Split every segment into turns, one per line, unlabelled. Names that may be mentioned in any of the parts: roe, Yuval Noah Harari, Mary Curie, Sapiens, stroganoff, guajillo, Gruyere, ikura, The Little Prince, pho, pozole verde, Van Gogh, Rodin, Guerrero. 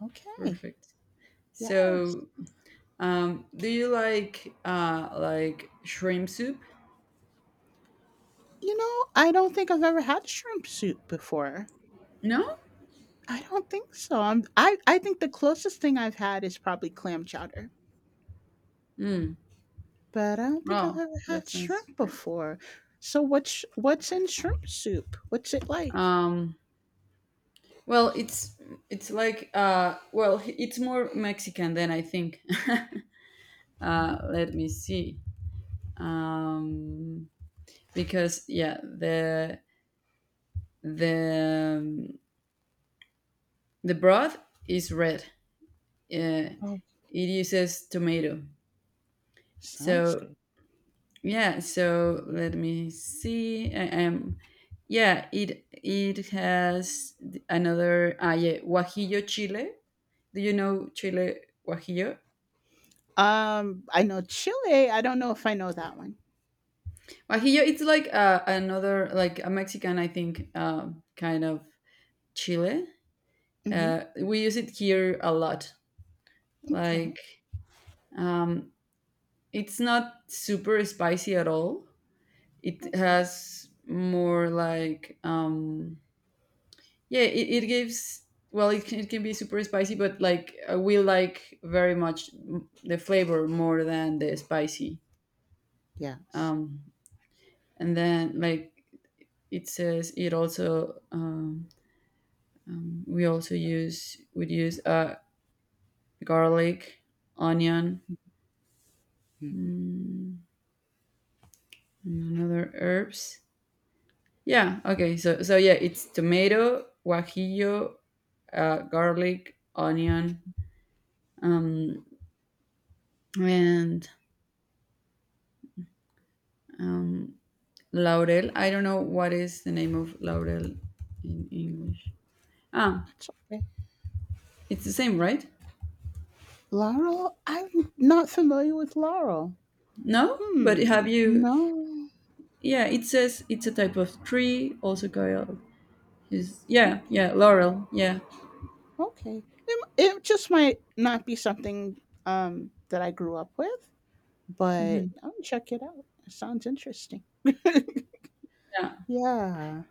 Okay.
Perfect.
Yes.
So, do you like shrimp soup?
You know, I don't think I've ever had shrimp soup before.
No.
I don't think so. I think the closest thing I've had is probably clam chowder,
Mm.
but I don't think I've
Wow,
ever
that
had
sounds
shrimp
great.
before. So what's in shrimp soup? What's it like?
Um, well, it's like well, it's more Mexican than I think. uh,
Mhm.
let me see. Um, because yeah, the um, the broth is red. Uh,
Oh,
it uses tomato.
sounds
So
good.
yeah so, let me see. I am yeah it has another, guajillo chile. Do you know chile guajillo?
I know Chile. I don't know if I know that one.
Guajillo, it's like another, like a Mexican. I think, kind of chile.
Hmm.
We use it here a lot,
Okay.
like, um, it's not super spicy at all. It
Okay.
has more like, yeah, it gives, well, it can be super spicy, but like, we like very much, the flavor more than the spicy.
Yes.
um and then, like, it says it also, we also use, would use, garlic, onion,
Mhm.
and another herbs. Yeah, okay, so yeah, it's tomato, guajillo, garlic, onion, um and um Laurel. I don't know what is the name of Laurel in English. Ah,
That's okay.
it's the same, right?
Laurel. I'm not familiar with Laurel.
No, but
Hmm,
have you?
no.
Yeah, it says it's a type of tree, also called.
O
Yeah, yeah, laurel. Yeah,
Okay. It just might not be something that I grew up with, but I'll check it out. It sounds interesting.
yeah.
Yeah.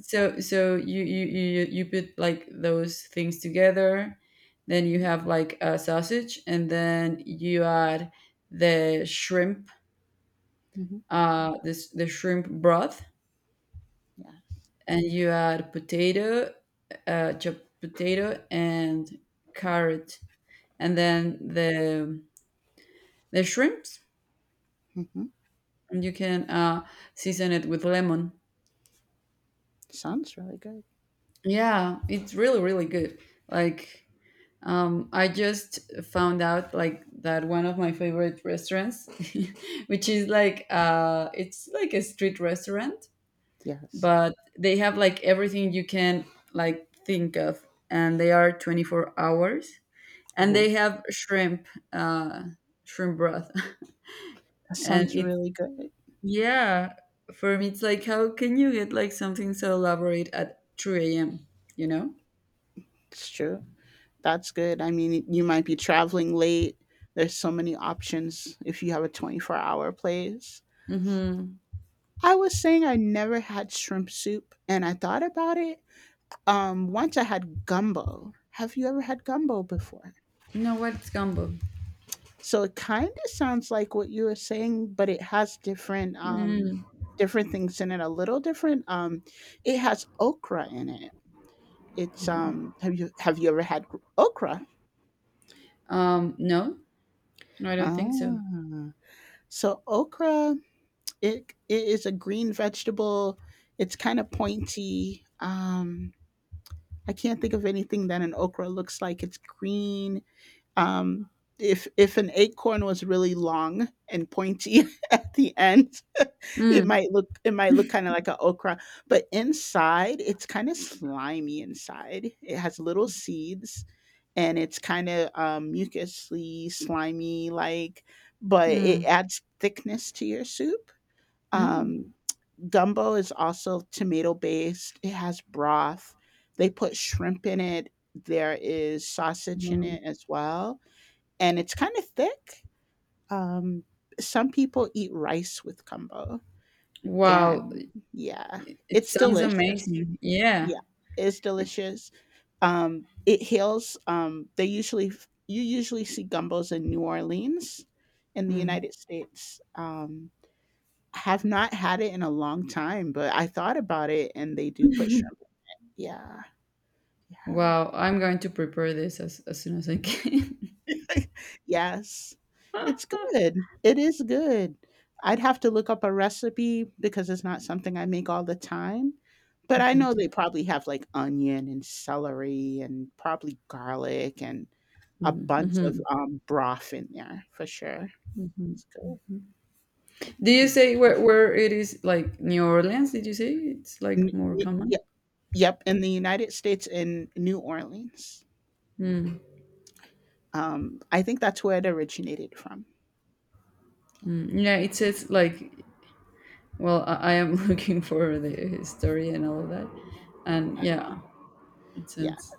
So, you put, like, those things together, then you
Mm,
have like a sausage, and then you add the shrimp,
mhm,
this the shrimp broth,
yes.
and you add potato, chopped potato and carrot, and then the shrimps,
Mhm.
and you can, season it with lemon.
Sounds really good.
Yeah, it's really really good. Like, I just found out, like, that one of my favorite restaurants, which is like, it's like a street restaurant,
Yes.
but they have like everything you can, like, think of, and they are 24 hours, and they
Ooh,
have shrimp broth,
that
and
sounds
it,
really good.
yeah, for me it's like, how can you get like something so elaborate at 3 a.m., you know?
It's true. That's good. I mean, you might be traveling late. There's so many options if you have a twenty-four-hour place.
Mm-hmm.
I was saying I never had shrimp soup, and I thought about it. Once I had gumbo. Have you ever had gumbo before?
No, what's gumbo?
So it kind of sounds like what you were saying, but it has different
Mm.
different things in it, a little different. It has okra in it. It's have you ever had okra?
No, no, I don't think so.
Ah. So okra it is a green vegetable. It's kind of pointy. I can't think of anything that an okra looks like. It's green. Um, if an acorn was really long and pointy at the end,
Mm,
it might look kind of like an okra, but inside it's kind of slimy inside. It has little seeds, and it's kind of mucusy, slimy like, but it
mm,
adds thickness to your soup.
mm.
Um, Gumbo is also tomato based. It has broth. They put shrimp in it. There is sausage in
Wow.
it as well, and it's kind of thick. Um, some people eat rice with gumbo,
Wow,
and yeah,
it
it's
sounds
delicious.
amazing. Yeah.
Yeah, it's
It,
delicious. It heals. They usually you usually see gumbos in New Orleans, in the
mm.
United States. I have not had it in a long time, but I thought about it, and they do put shrimp. Yeah, yeah.
Wow, I'm going to prepare this as soon as I can.
Yes. It's good. It is good. I'd have to look up a recipe because it's not something I make all the time, but I know they probably have, like, onion and celery and probably garlic and a bunch of, broth in there for sure. It's good.
Do you
Mm.
say where, it is, like, New Orleans? Did you say it's
N
like more
y
common?
Yep, yep, in the United States in New Orleans. I think that's where it originated from.
Yeah, it says like, well, I am looking for the story and all of that, and
Uh,
yeah, it
yeah,
sounds,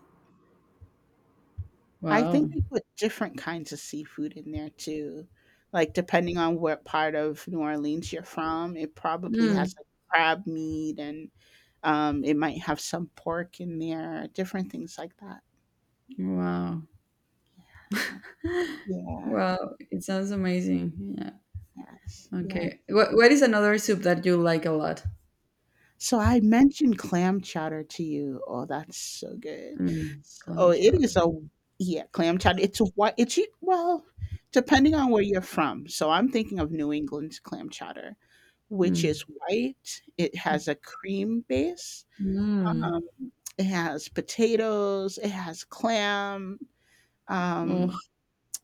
I
wow,
think they put different kinds of seafood in there too. Like depending on what part of New Orleans you're from, it probably
mm,
has like crab meat and it might have some pork in there, different things like that.
wow,
Yeah.
wow. It sounds amazing. Yeah.
Yes. Yeah.
Okay. What is another soup that you like a lot?
So I mentioned clam chowder to you. Oh, that's so good.
Mm,
S Oh,
clam
it is
chowder.
a yeah, clam chowder. It's a white it's well, depending on where you're from. So I'm thinking of New England's clam chowder, which
Mm.
is white. It has a cream base.
Mm.
Um, it has potatoes, it has clam.
Oh.
Um,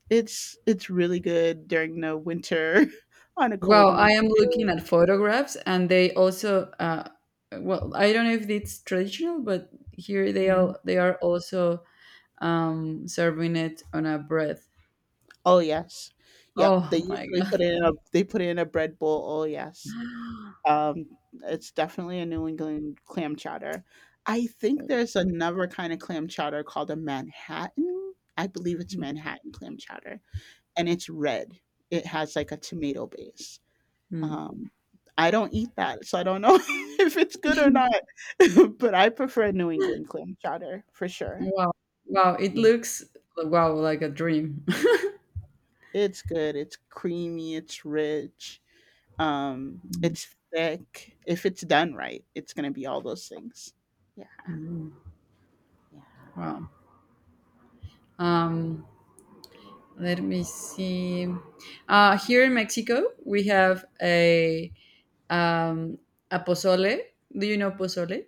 it's it's really good during the winter on a cold
Well, I
winter
am
day.
looking at photographs, and they also, well, I don't know if it's traditional, but here they
Mm-hmm.
are. They are also, serving it on a bread.
Oh yes. Yep, they
Oh my
usually
god.
put it in a they put it in a bread bowl, oh yes. Um, it's definitely a New England clam chowder. I think there's another kind of clam chowder called a Manhattan. I believe it's Manhattan clam chowder, and it's red. It has, like, a tomato base.
Mhm.
Um, I don't eat that, so I don't know if it's good or not, but I prefer New England clam chowder for sure.
Wow. Wow, it looks, wow, like a dream.
It's good. It's creamy. It's rich. It's thick. If it's done right, it's gonna be all those things. Yeah, yeah.
Wow. Um, let me see. Here in Mexico, we have a, um, a pozole. Do you know pozole?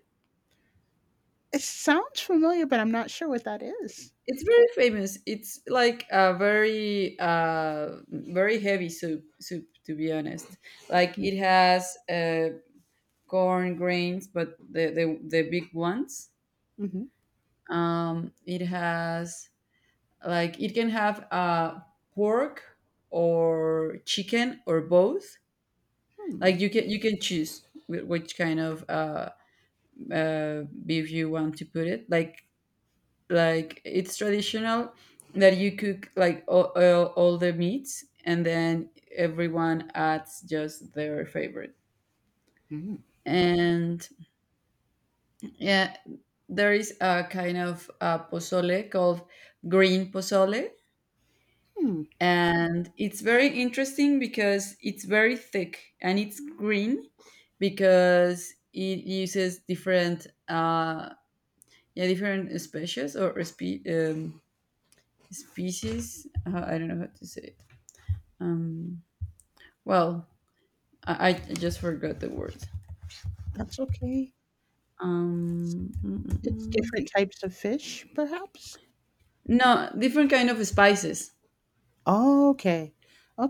It sounds familiar, but I'm not sure what that is.
It's very famous. It's like a very, very heavy soup. Soup, to be honest. Like it has, corn grains, but the big ones.
Mm-hmm.
It has, like, it can have, pork or chicken or both.
Hmm.
Like you can choose which kind of, beef you want to put it. Like it's traditional that you cook, like, all the meats, and then everyone adds just their favorite.
Hmm.
And yeah, there is a kind of, pozole called green pozole,
Hmm.
and it's very interesting because it's very thick and it's green, because it uses different, yeah different species, or species. I don't know how to say it, um well, I just forgot the word.
That's okay.
Mm, mm,
It's
mm.
different types of fish, perhaps.
No, different kind of spices,
Okay.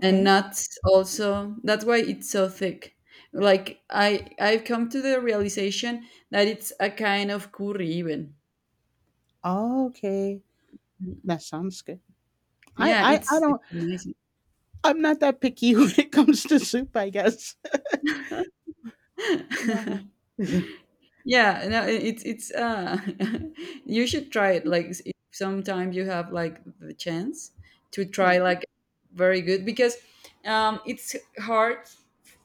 and nuts also, that's why it's so thick. Like I've come to the realization that it's a kind of curry, even.
Okay. That sounds good. I,
Yeah,
I,
it's
I
it's
don't,
amazing.
I'm not that picky when it comes to soup, I guess. Uh-huh.
Yeah, no, I- it's you should try it, like, if sometime you have like the chance to try,
Yeah.
like, very good, because, it's hard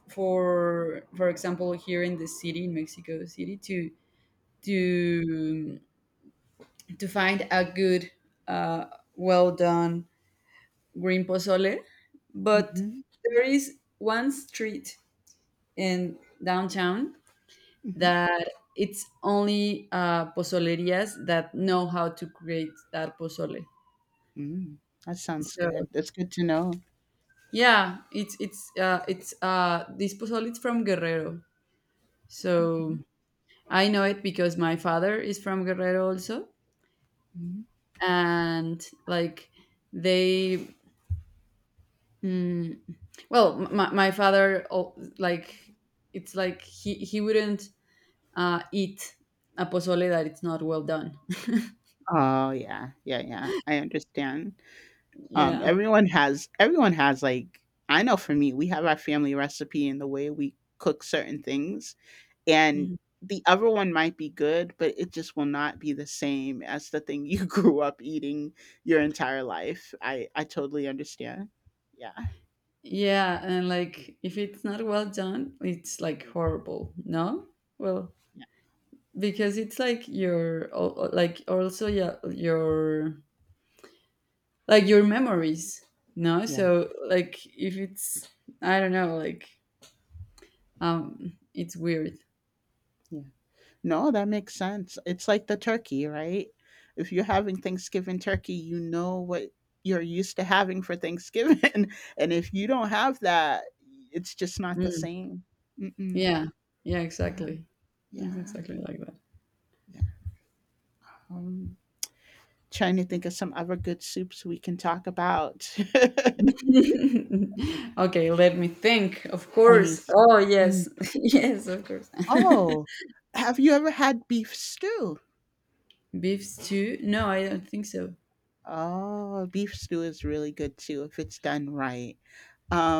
for example here in the city, in Mexico City, to to find a good, uh, well done green pozole. But
Hmm.
there is one street in downtown that it's only, pozolerias that know how to create that pozole.
Mm, that sounds
So
good. That's good to know.
yeah, it's, this pozole is from Guerrero. So
Mhm,
I know it because my father is from Guerrero also,
mhm.
and, like, they... mm, well, my father, oh, like, it's like he wouldn't, eat a pozole that it's not well done.
Oh, yeah. Yeah, yeah, I understand. Um,
Yeah.
everyone has everyone has, like, I know for me, we have our family recipe and the way we cook certain things, and
Mhm.
the other one might be good, but it just will not be the same as the thing you grew up eating your entire life. I totally understand. Yeah.
Yeah. And, like, if it's not well done, it's like horrible. No? Well,
Yeah.
because it's like your, like, also, yeah, your, like, your memories. No?
Yeah.
So, like, if it's, I don't know, like, it's weird.
Yeah. No, that makes sense. It's like the turkey, right? If you're having Thanksgiving turkey, you know what you're used to having for Thanksgiving. And if you don't have that, it's just not the same. Mm-mm.
Yeah. Yeah,
Yeah,
exactly. It's
yeah,
exactly like that.
yeah. Um, Trying to think of some other good soups we can talk about.
Okay, let me think. Of
I mean,
course. Oh,
mm,
yes. Yes, of course.
oh, have you ever had beef stew?
Beef stew? No, I don't think so.
Oh, beef stew is really good too if it's done right.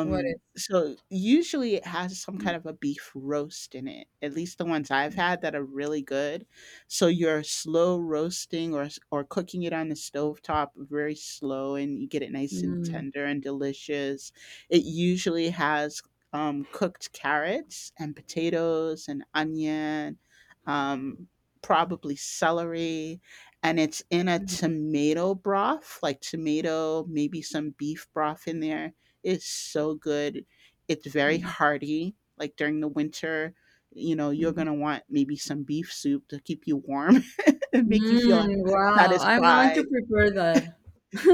What is?
So usually it has some kind of a beef roast in it, at least the ones I've had that are really good. So you're slow roasting or cooking it on the stovetop very slow and you get it nice and
Mm,
tender and delicious. It usually has cooked carrots and potatoes and onion, um, probably celery, and it's in a tomato broth, like tomato, maybe some beef broth in there is so good. It's very
mm,
hearty. Like during the winter, you know, you're
mm.
going to want maybe some beef soup to keep you warm and make you feel
Mm, wow. I'm going
satisfied.
to prepare that.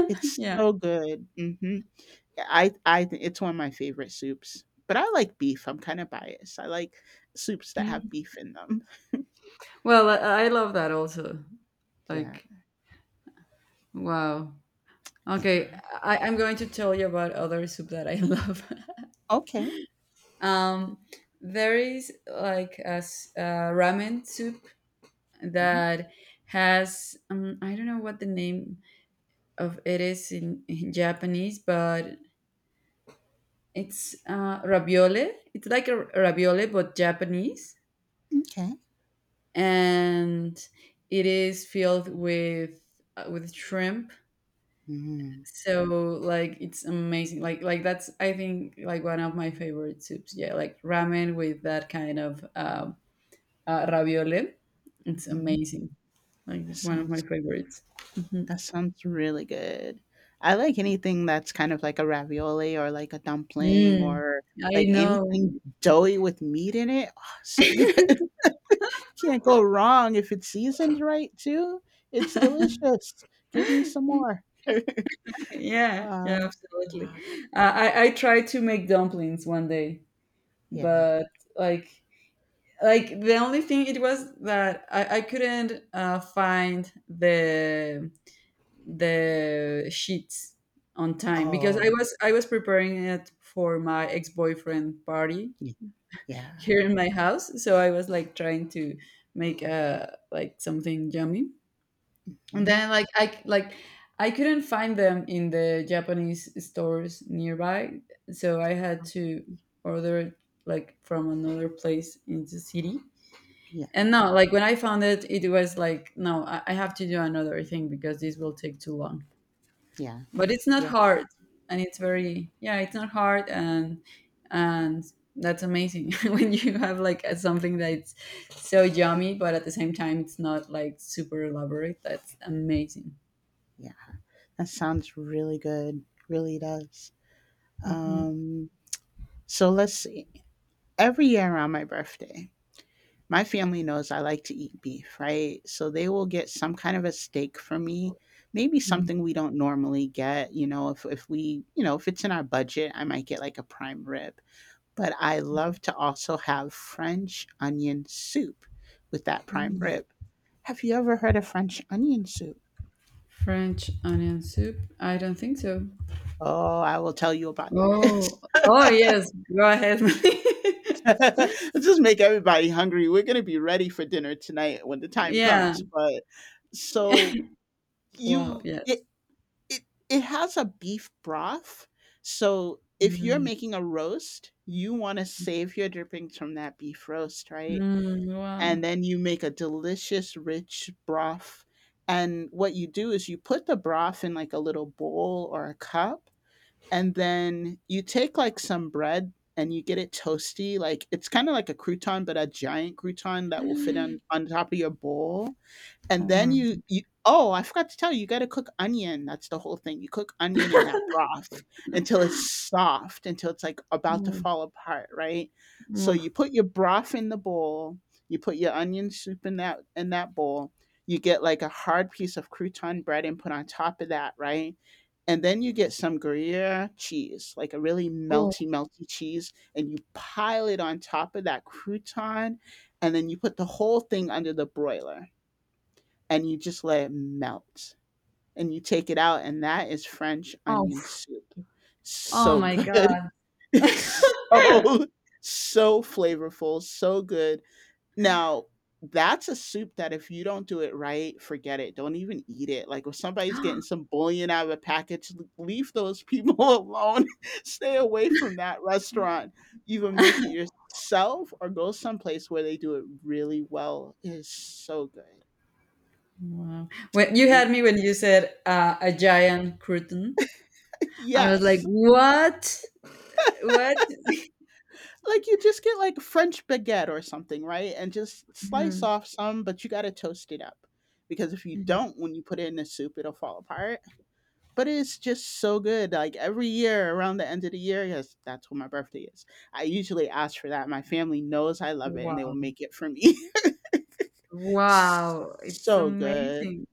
It's
Yeah.
so good. Hmm. I think it's one of my favorite soups, but I like beef. I'm kind of biased. I like soups that have beef in them.
Well, I love that also.
Yeah.
Like, wow. Okay,
Yeah.
I'm going to tell you about other soup that I love.
Okay.
um, there is like a ramen soup
Mhm.
that has, I don't know what the name of it is in Japanese, but it's, ravioli. It's like a ravioli but Japanese,
Okay.
and it is filled with, with shrimp.
Mm-hmm.
So, like, it's amazing. Like that's, I think, like one of my favorite soups. Yeah, like ramen with that kind of, ravioli. It's amazing. Like it's one of my
Sounds
favorites. Mhm.
that sounds really good. I like anything that's kind of like a ravioli or like a dumpling
Mm,
or
I
like anything
know.
doughy with meat in it. Oh, so good. You can't go wrong if it's seasoned right too. It's delicious. Give me some more.
Yeah, yeah,
Um,
absolutely. I tried to make dumplings one day,
yeah.
but like like the only thing it was that I couldn't, find the sheets on time, because I
Oh,
was I was preparing it for my ex-boyfriend party
y-
here
yeah.
in my house, so I was, like, trying to make, like, something yummy, and
Mhm.
then, like, I couldn't find them in the Japanese stores nearby, so I had to order it, like, from another place in the city.
Yeah.
And no, like, when I found it, it was like, no, I have to do another thing because this will take too long.
Yeah.
But it's not
Yeah.
hard, and it's very, yeah, it's not hard, and that's amazing. When you have, like, something that's so yummy, but at the same time it's not like super elaborate, that's amazing.
Yeah. That sounds really good. Really does.
Mhm,
Um, so let's see. Every year around my birthday, my family knows I like to eat beef, right? So they will get some kind of a steak from me, maybe
mhm.
something we don't normally get. You know, if we, you know, if it's in our budget, I might get like a prime rib. But I love to also have French onion soup with that prime rib. Have you ever heard of French onion soup?
French onion soup? I don't think so.
Oh, I will tell you about it.
Oh, oh, yes. Go ahead.
Let's just make everybody hungry. We're going to be ready for dinner tonight when the time
Yeah.
comes. But so
Wow.
you, it,
Yes.
it it has a beef broth. So if you're
Mm.
making a roast, you want to save your drippings from that beef roast, right?
Mm, wow.
And then you make a delicious rich broth. And what you do is you put the broth in like a little bowl or a cup, and then you take like some bread and you get it toasty. Like it's kind of like a crouton, but a giant crouton that will fit on top of your bowl and then
Oh
you
my
you oh, I forgot to tell you, you gotta cook onion, that's the whole thing. You cook onion in that broth until it's soft, until it's, like,
god.
about to
Oof,
fall apart, right? So
oof,
you put your broth in the bowl, you put your onion soup in that bowl, you get, like, a hard piece of crouton bread and put on top of that, right? And then you get some Gruyere cheese, like, a really
oof,
melty, melty cheese, and you pile it on top of that crouton, and then you put the whole thing under the broiler and you just let it melt and you take it out, and that is French onion soup,
oh
so
my
good.
god.
So so flavorful, so good. Now that's a soup that if you don't do it right, forget it, don't even eat it, like if somebody's getting some bullion out of a package, leave those people alone, stay away from that restaurant, either make it yourself or go someplace where they do it really well, it is so good.
Wow. When you had
Y-
me, when you said, a giant curtain, I was like,
yes.
what? What?
Like, you just get, like, French baguette or something, right, and just slice
Mhm,
off some, but you gotta toast it up, because if you
mhm.
don't, when you put it in the soup, it'll fall apart, but it's just so good, like, every year around the end of the year, 'cause that's when my birthday is, I usually ask for that, my family knows I love it, and they will
Wow.
make it for me.
Wow, it's
So good,
amazing.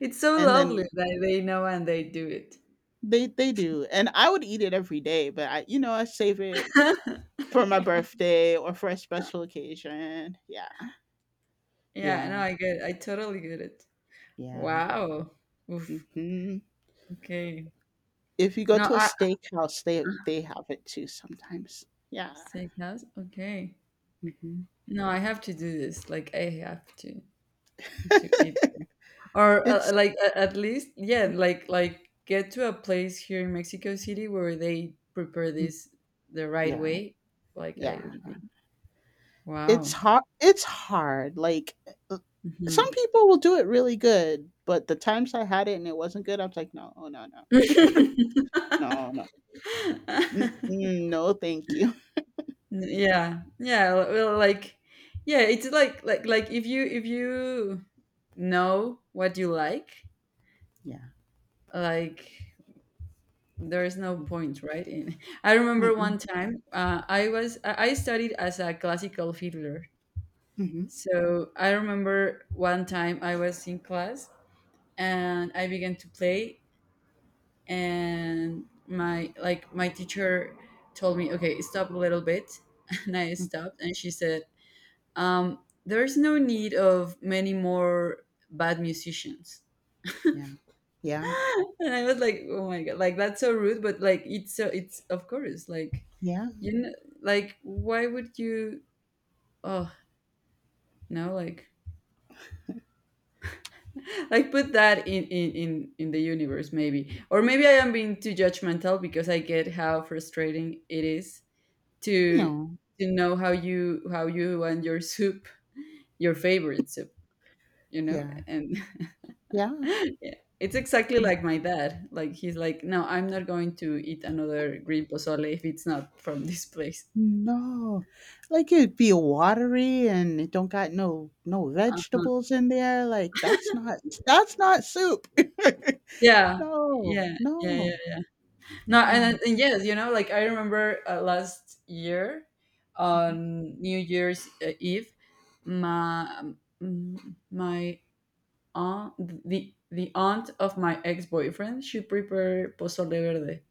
It's so
and
lovely
then
that they know and they do it.
they do, and I would eat it every day, but I save it for my birthday or for a special occasion. Yeah.
Yeah, no,
Yeah,
I get it. I totally get it.
yeah.
Wow. Oof.
Mhm.
Okay.
If you go
No,
to a
I
steakhouse, they have it too sometimes. Yeah.
Steakhouse. Okay.
Mhm.
No, I have to do this. Like I have to eat. Or,
It's
like, at least, yeah, like get to a place here in Mexico City where they prepare
mm,
this the right
yeah.
way. Like
Yeah.
I would be.
It's
Wow.
hard, it's hard. Like uh, some
Mhm.
people will do it really good, but the times I had it and it wasn't good, I was like, "No, oh, no, no. No, no. Mm-mm, no, thank you."
Yeah, yeah, well, like, yeah, it's like, like if you know what you like
Yeah.
like there is no
Mm.
point, right, in... I remember
Mm-mm.
one time, I was I studied as a classical fiddler,
Mhm.
so I remember one time I was in class, and I began to play, and my teacher told me, okay, stop a little bit. And I
Mm.
stopped, and she said, um, there's no need of many more bad musicians.
Yeah. Yeah.
And I was like, oh my god, like, that's so rude, but like it's of course, like,
Yeah.
you know, like, why would you... oh, no, like, put that in, in the universe, maybe. Or maybe I am being too judgmental, because I get how frustrating it is to
No.
to know how you want your soup, your favorite soup, you know,
Yeah.
and...
Yeah.
Yeah, it's exactly like my dad. Like he's like, no, I'm not going to eat another green pozole if it's not from this place.
No, like, it'd be watery and it don't got no
Uh,
vegetables in there, like, that's not soup.
Yeah,
No,
yeah, yeah, yeah.
no.
No, and,
Mm-mm,
and yes, you know, like I remember, last year,
mm-mm,
on New Year's, Eve, my, mm, my aunt, the aunt of my ex boyfriend, she prepared pozole verde.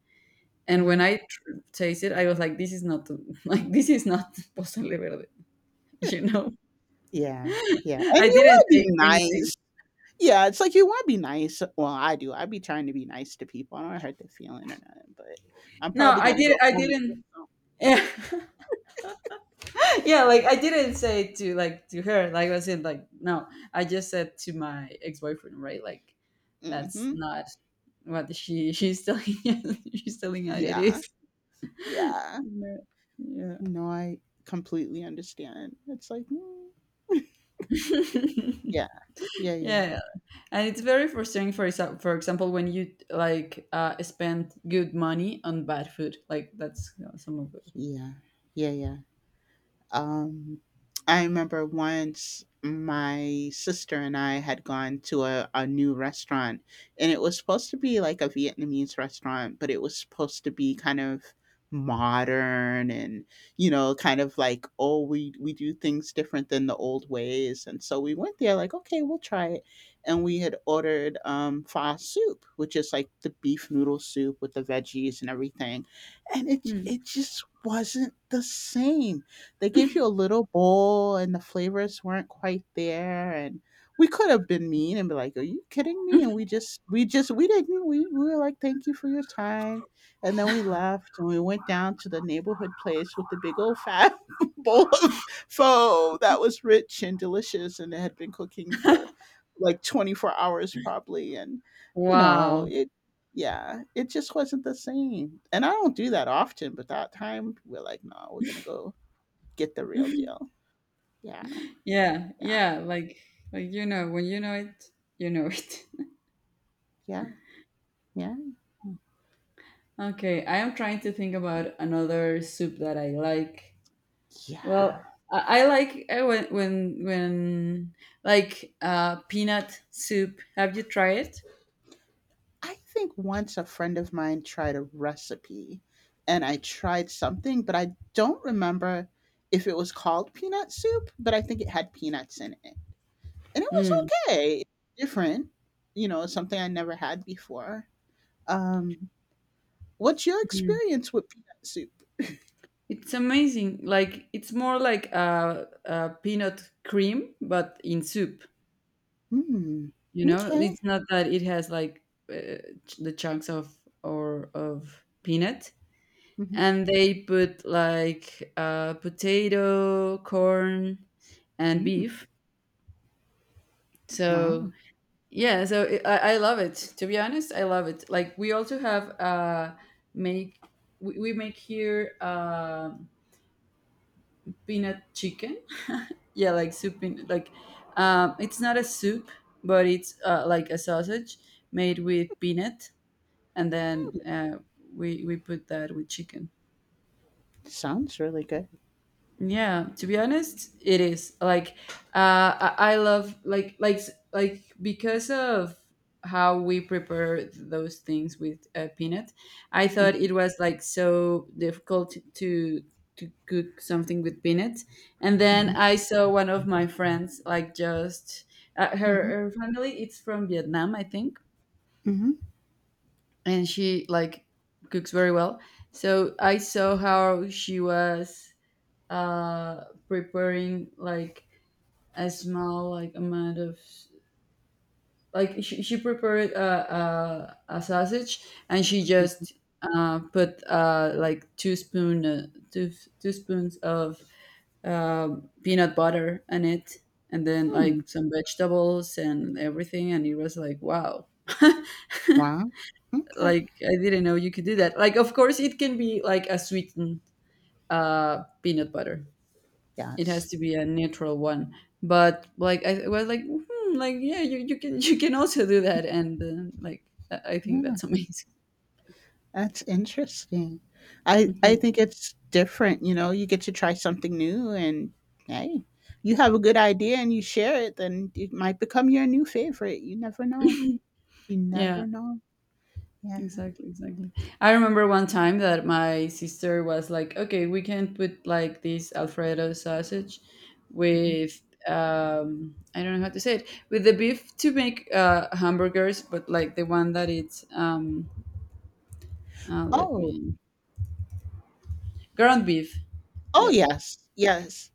And when
mm.
I tasted, I was like, "This is not, like, this is not pozole verde," you know.
Yeah, yeah, and
I
you
didn't
wanna be
say anything.
nice. Yeah, it's like you wanna be nice, well, I do, I be trying to be nice to people, I don't wanna hurt their feeling or nothing, but I'm
No,
probably
I
gonna
did.
go
I
home and get
didn't.
some.
Yeah, yeah, like I didn't say to, like, to her. Like I said, like, no, I just said to my ex boyfriend, right? Like that's
Mhm.
not what she's telling. She's telling how it
Yeah,
is.
yeah.
Yeah. Yeah.
No, I completely understand. It's like, "Mm." Yeah. Yeah, yeah.
Yeah. And it's very frustrating for for example when you like spend good money on bad food. Like that's some of it.
Yeah. Yeah. Yeah. Um, I remember once my sister and I had gone to a new restaurant, and it was supposed to be like a Vietnamese restaurant, but it was supposed to be kind of modern, and kind of like, oh, we do things different than the old ways, and so we went there like, okay, we'll try it. And we had ordered pho soup, which is like the beef noodle soup with the veggies and everything, and it
Hmm.
it just wasn't the same. They gave you a little bowl and the flavors weren't quite there, and we could have been mean and be like, "Are you kidding me?" And we just we didn't, we were like, "Thank you for your time." And then we left and we went down to the neighborhood place with the big old fat bowl of pho that was rich and delicious, and it had been cooking for like 24 hours probably, and you know,
Wow.
it yeah, it just wasn't the same. And I don't do that often, but that time we're like, no, we're gonna go get the real deal. Yeah,
Yeah,
yeah,
yeah, like you know, when you know it, you know it.
yeah, yeah,
Okay, I am trying to think about another soup that I like. Well,
yeah.
I like when like peanut soup. Have you tried it?
I think once a friend of mine tried a recipe and I tried something, but I don't remember if it was called peanut soup, but I think it had peanuts in it. And it was
Mm.
okay, different, something I never had before. Um, what's your
Mm.
experience with peanut soup?
It's amazing. Like it's more like a peanut cream, but in soup.
Hmm,
You know,
okay.
it's not that it has like uh, the chunks of or of peanut. And they put like potato, corn, and
Hmm.
beef. So
Wow,
yeah, so I love it. To be honest, I love it. Like we also have make we make here peanut chicken. Yeah, like soup peanut. Like it's not a soup, but it's like a sausage made with peanut, and then we put that with chicken.
sounds really good.
Yeah, to be honest, it is like I love like because of how we prepare those things with peanut. I thought it was like so difficult to cook something with peanut, and then
Hmm.
I saw one of my friends like just
Hmm.
her family. It's from Vietnam, I think,
Hmm.
and she like cooks very well. So I saw how she was preparing like a small like amount of like she prepared a sausage, and she just put like two spoons of peanut butter in it and then
Hmm.
like some vegetables and everything, and it was like wow.
Wow. Okay.
Like I didn't know you could do that. Like of course it can be like a sweetened peanut butter. It has
Yes.
to be a neutral one, but like I was like hmm, like yeah, you can also do that. And like I think
Yeah,
that's amazing.
that's interesting. I
Mhm.
think it's different, you get to try something new, and hey, you have a good idea and you share it, then it might become your new favorite. You never know. You
Yeah,
never know. Yeah.
exactly. I remember one time that my sister was like, okay, we can put like this alfredo sausage
Mhm.
with I don't know how to say it, with the beef to make hamburgers, but like the one that it's let
Oh.
me, ground beef.
Oh
Yeah.
yes. Yes.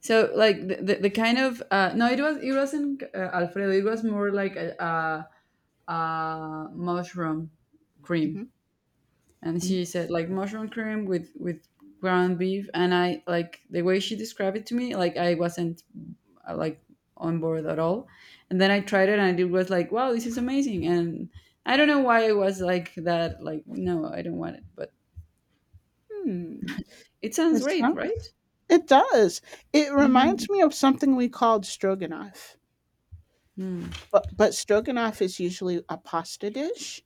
So like the kind of no, it was it wasn't Alfredo. It was more like a mushroom cream,
Mhm.
and she said like mushroom cream with ground beef, and I like the way she described it to me, like I wasn't like on board at all. And then I tried it, and it was like, wow, this is amazing. And I don't know why I was like that. Like no, I don't want it, but
Mm.
it sounds
It
great, right?
sounds it does. It reminds
Hmm.
me of something we called stroganoff. But stroganoff is usually a pasta dish,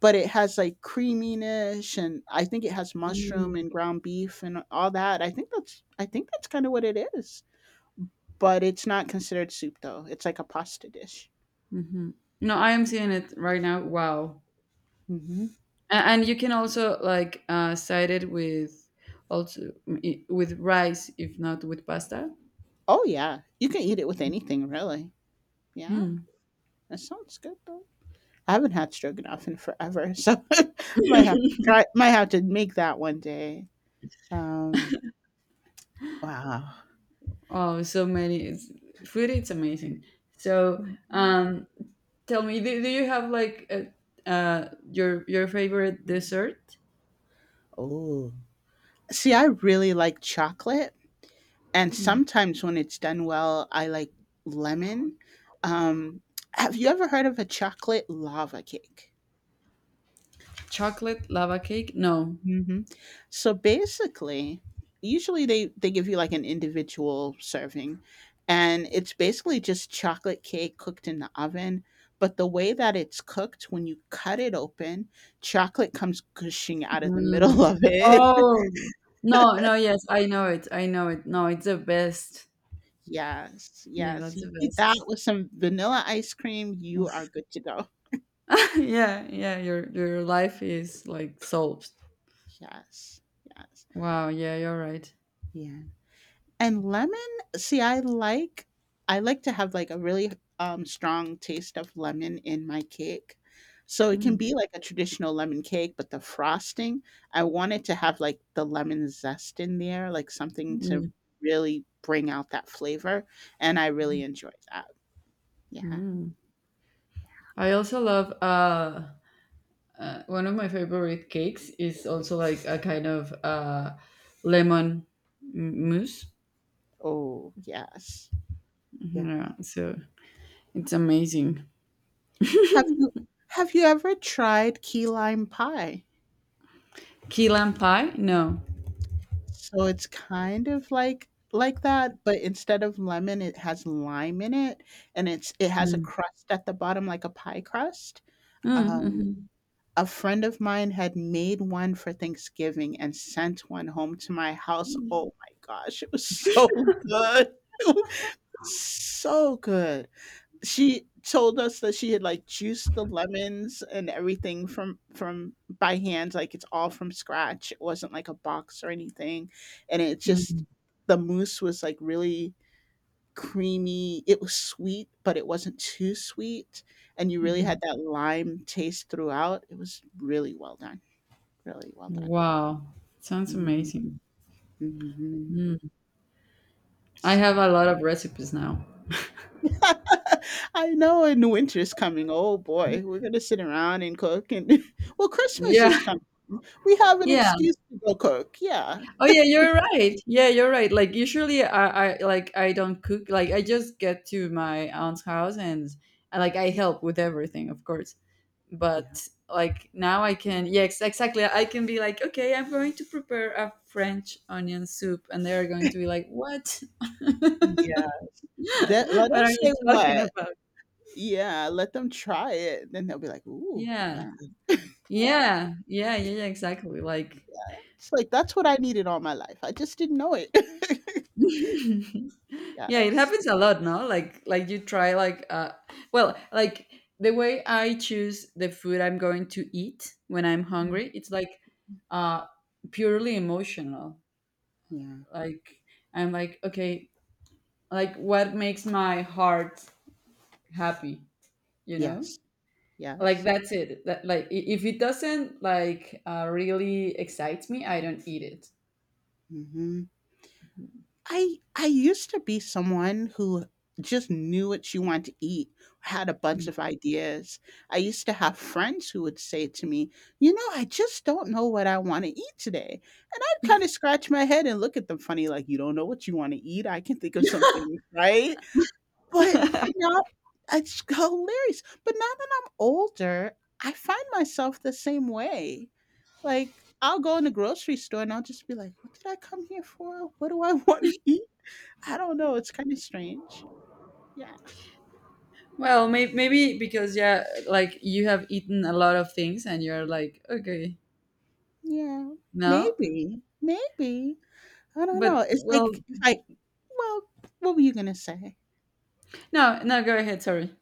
but it has like creaminess and I think it has mushroom
Mm.
and ground beef and all that. I think that's kind of what it is. But it's not considered soup though. It's like a pasta dish.
Hmm. No, I am seeing it right now. Wow,
Hmm.
and you can also like side it with also with rice, if not with pasta.
Oh yeah, you can eat it with anything really. Yeah,
Hmm.
that sounds good though. I haven't had stroganoff in forever, so I might have to try. Might have to make that one day. Um, wow.
Oh, so many food. It's amazing. So, um, tell me, do you have like your favorite dessert?
Oh, see, I really like chocolate, and
Hmm.
sometimes when it's done well, I like lemon. Um, have you ever heard of a chocolate lava cake?
Chocolate lava cake? No.
Hmm. So basically, usually they give you like an individual serving, and it's basically just chocolate cake cooked in the oven. But the way that it's cooked, when you cut it open, chocolate comes gushing out of the middle
Mm.
of it.
Oh no, no. Yes, I know it. I know it. No, it's the best.
Yes,
Yeah,
yes.
that's
You
the
eat that
best.
with some vanilla ice cream, you are good to go.
Yeah, yeah, your life is like solved.
Yes, yes.
Wow, yeah, you're right.
Yeah, and lemon, see, I like to have, like, a really, strong taste of lemon in my cake. So it can
Mm,
be like a traditional lemon cake, but the frosting, I want it to have, like, the lemon zest in there, like, something to
mm.
really bring out that flavor, and I really enjoy that. Yeah.
I also love one of my favorite cakes is also like a kind of lemon mousse.
Oh, yes. Yeah.
Yeah, so it's amazing.
Have you have you ever tried key lime pie?
Key lime pie? No.
So it's kind of like that, but instead of lemon, it has lime in it, and it has a
Mm.
crust at the bottom like a pie crust.
Mm,
Um,
mhm,
a friend of mine had made one for Thanksgiving and sent one home to my house. Oh my gosh, it was so good. It was so good, she told us that she had like juiced the lemons and everything from by hand, like it's all from scratch, it wasn't like a box or anything, and it just,
mm.
the mousse was like really creamy, it was sweet but it wasn't too sweet, and you really had that lime taste throughout, it was really well done, really well done.
Wow, sounds
Mhm,
amazing.
mhm.
I have
So,
a lot of recipes now.
I know, and winter's coming, oh boy, we're gonna sit around and cook, and well, Christmas
Yeah,
is coming. We have an
yeah.
excuse to go cook. Yeah.
Oh yeah, you're right. Yeah, you're right. Like usually I like I don't cook. Like I just get to my aunt's house, and like I help with everything, of course.
Yeah.
But like now I can yeah, exactly. I can be like, "Okay, I'm going to prepare a French onion soup." And they're going to be like, "What?
Yeah. That, let
What
them
are
say
you talking
what.
about?"
Yeah. Let them try it. Then they'll be like, ooh,
Yeah.
yeah. Yeah.
Yeah. Yeah, yeah, yeah, exactly. Like
Yeah. It's like, that's what I needed all my life. I just didn't know it.
yeah, it
Yes.
happens a lot. No, like like you try like well, like the way I choose the food I'm going to eat when I'm
Mm.
hungry, it's like uh purely emotional.
Yeah.
Like I'm like, okay, like what makes my heart happy, you know?
Yes.
Like
Yes.
that's it. That like if it doesn't like really excites me, I don't eat it.
Mhm. I used to be someone who just knew what she wanted to eat, had a bunch of ideas. I used to have friends who would say to me, "You know, I just don't know what I want to eat today." And I'd kind of scratch my head and look at them funny like, "You don't know what you want to eat? I can think of something, right?" But now it's hilarious. But now that I'm older, I find myself the same way. Like I'll go in the grocery store and I'll just be like, "What did I come here for? What do I want to eat?" I don't know, it's kinda strange. Yeah.
Well, maybe because yeah, like you have eaten a lot of things and you're like, okay,
Yeah.
no,
Maybe. Maybe. I don't know.
but
It's
well,
like it's like well, what were you gonna say?
no, no, go ahead. Sorry.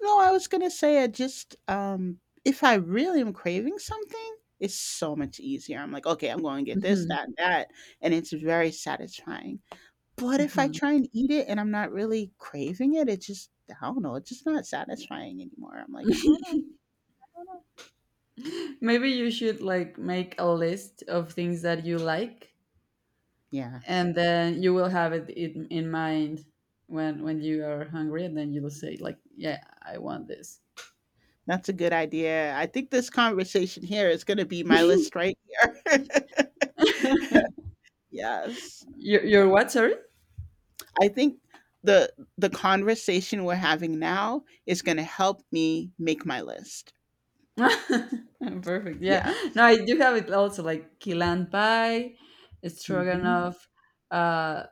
No, I was gonna say I just, if I really am craving something, it's so much easier. I'm like, "Okay, I'm going to get this,
Hmm.
that, and that," and it's very satisfying. But if I
Hmm.
try and eat it and I'm not really craving it, it just, I don't know, it's just not satisfying anymore. I'm like, "I don't know, I don't know."
Maybe you should like make a list of things that you like,
Yeah.
and then you will have it in mind when you are hungry, and then you'll say like, yeah, I want this.
That's a good idea. I think this conversation here is going to be my list right here. Yes.
Your what? Sorry.
I think the conversation we're having now is going to help me make my list.
Perfect. Yeah.
Yeah.
No, I do have it also like kilan pie,
Mhm.
stroganoff, uh,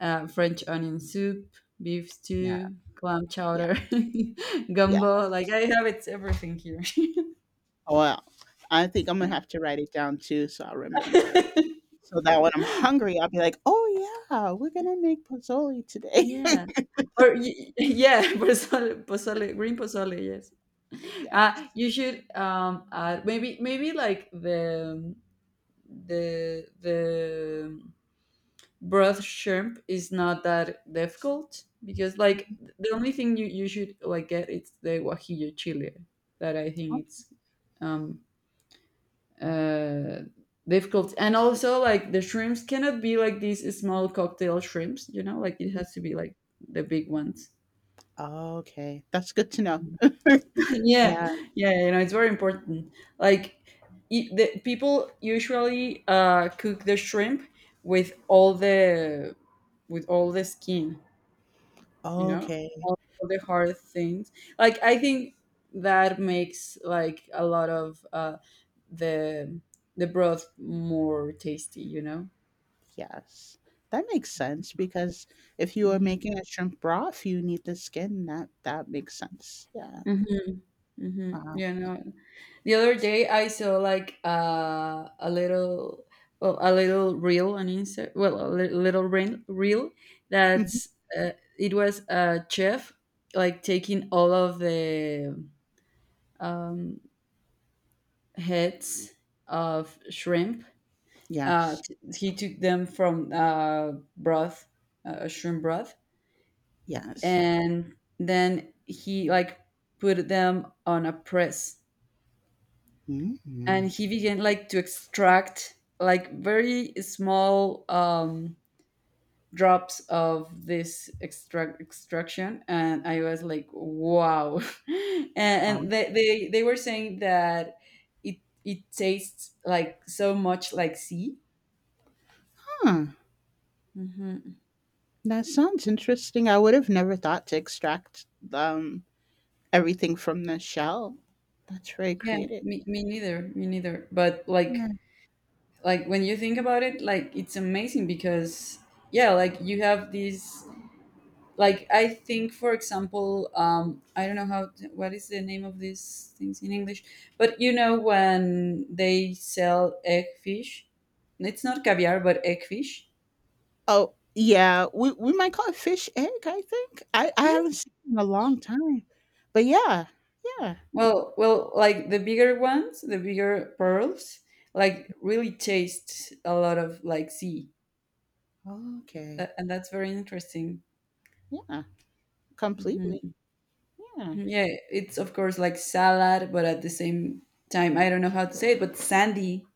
French onion soup, beef
Yeah.
stew, clam
Yeah.
chowder,
Yeah.
gumbo. Like I have it everything here.
Well, I think I'm going to have to write it down too so I'll remember. So that when I'm hungry, I'll be like, "Oh yeah, we're going to make pozzoli today."
Yeah. Or yeah, pozole, green pozole. Yes.
Yes.
You should add maybe maybe like the broth shrimp is not that difficult, because like the only thing you you should like get is the guajillo chili that I think it's um uh, difficult. And also, like the shrimps cannot be like these small cocktail shrimps. You know, like it
Okay.
has to be like the big ones.
Okay. That's good to know.
Yeah,
Yeah.
yeah. You know, it's very important. Like the people usually cook the shrimp with all the with all the skin. You know,
Okay.
all the hard things. Like I think that makes like a lot of the the broth more tasty. You know.
Yes. That makes sense because if you are
Mhm.
making a shrimp broth, you need the skin. That makes sense. Yeah.
Mm-hmm, mm-hmm.
Wow.
Yeah, no. The other day I saw like well, a little reel on Insta. Well, a little reel
Mhm.
that's uh, it was a chef like taking all of the um, heads of shrimp.
Yes.
He took them from broth, shrimp broth,
Yes.
and then he like put them on a press,
Mhm.
and he began like to extract like very small drops of this extraction. And I was like wow. And,
Wow.
they were saying that it it tastes like so much like sea.
Huh.
Hmm.
That sounds interesting. I would have never thought to extract um everything from the shell. That's very
Yeah,
creative.
me neither, but
Yeah.
like when you think about it, like it's amazing because yeah, like you have this like I think for example I don't know how, what is the name of these things in English, but you know when they sell egg fish, it's not caviar but egg fish.
Oh, yeah. We might call it fish egg, I think. I
Yes.
haven't seen it in a long time. But yeah. Yeah.
Well, well, like the bigger ones, the bigger pearls like really taste a lot of like sea,
Okay.
that, and that's very interesting.
Yeah. Completely. Yeah.
Yeah, it's of course like salad, but at the same time I don't know how to say it, but sandy,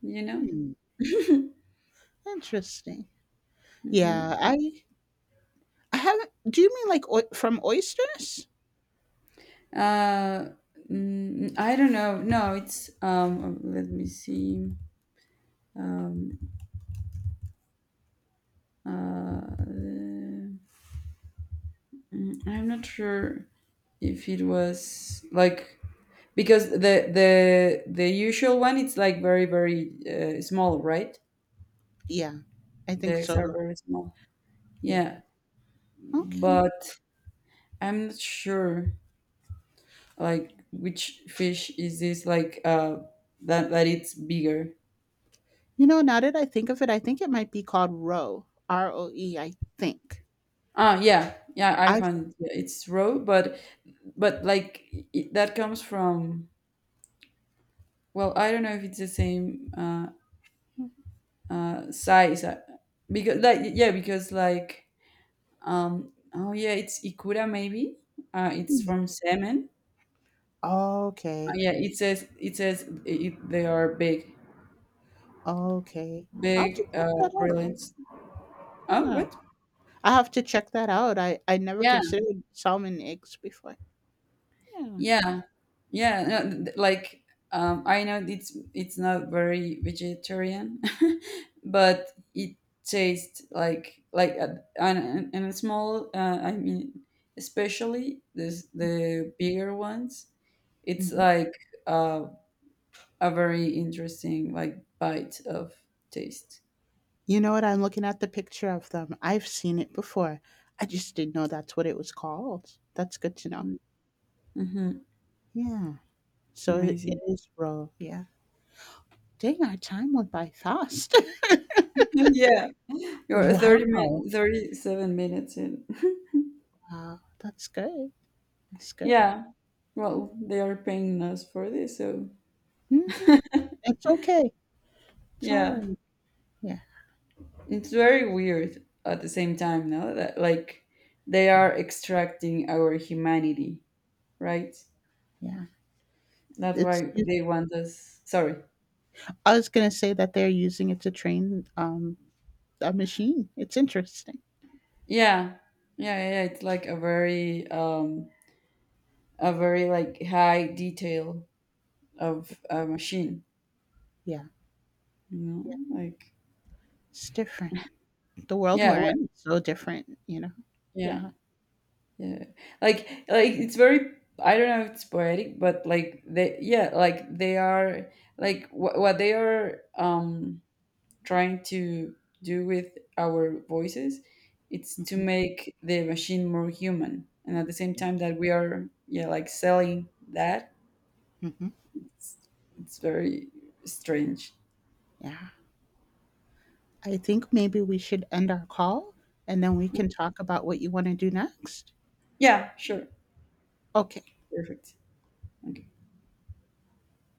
you know.
Hmm. Interesting. Yeah, I haven't. Do you mean like from oysters?
Uh, mm, I don't know. No, it's. Let me see. Mm, I'm not sure if it was like because the usual one it's like very very small, right?
Yeah, I
The
think
eggs are
so.
very small. Yeah,
Yeah. Okay.
but I'm not sure like which fish is this like that that it's bigger.
You know, now that I think of it, I think it might be called roe. R O E. I think.
Ah, yeah, yeah, I
I.
find yeah, it's raw, but like it, that comes from well, I don't know if it's the same size because like yeah, because like oh yeah, it's ikura maybe. It's
Yeah.
from salmon.
Okay.
Yeah, it says it says it, they are big,
Okay. I'll have
big
to check that out.
brilliance. Oh,
Yeah,
what?
I have to check that out. I never
Yeah,
considered salmon eggs before. Yeah.
yeah. Yeah, no, like I know it's not very vegetarian, but it tastes like a, and a small. I mean, especially this the bigger ones. It's
Mhm.
like uh, a very interesting like bite of taste.
You know what? I'm looking at the picture of them. I've seen it before. I just didn't know that's what it was called. That's good to know.
Hmm.
Yeah.
It's
So it
amazing.
is roll. Yeah. Dang, our time went by fast.
Yeah, you're
Wow.
37 minutes in.
Wow. That's good. That's good.
Yeah, well, they are paying us for this, so
Hmm. It's okay. It's all
yeah.
right. Yeah.
It's very weird at the same time, no? That like they are extracting our humanity, right?
Yeah.
That's
It's.
why
I
they want us. Sorry.
was gonna say that they're using it to train a machine. It's interesting.
Yeah. Yeah, yeah, yeah. It's like a very like high detail of a machine,
Yeah.
you
Yeah.
know? Like
It's different. The world
yeah,
we're
what
in is so different. You know.
yeah.
Yeah.
Yeah. Like it's very I don't know if it's poetic, but like they yeah, like they are like what they are trying to do with our voices, it's to
Mhm.
make the machine more human, and at the same time that we are yeah like selling that.
Hmm.
it's, it's very strange.
Yeah. I think maybe we should end our call and then we can talk about what you want to do next.
Yeah, sure.
Okay.
Perfect. Okay.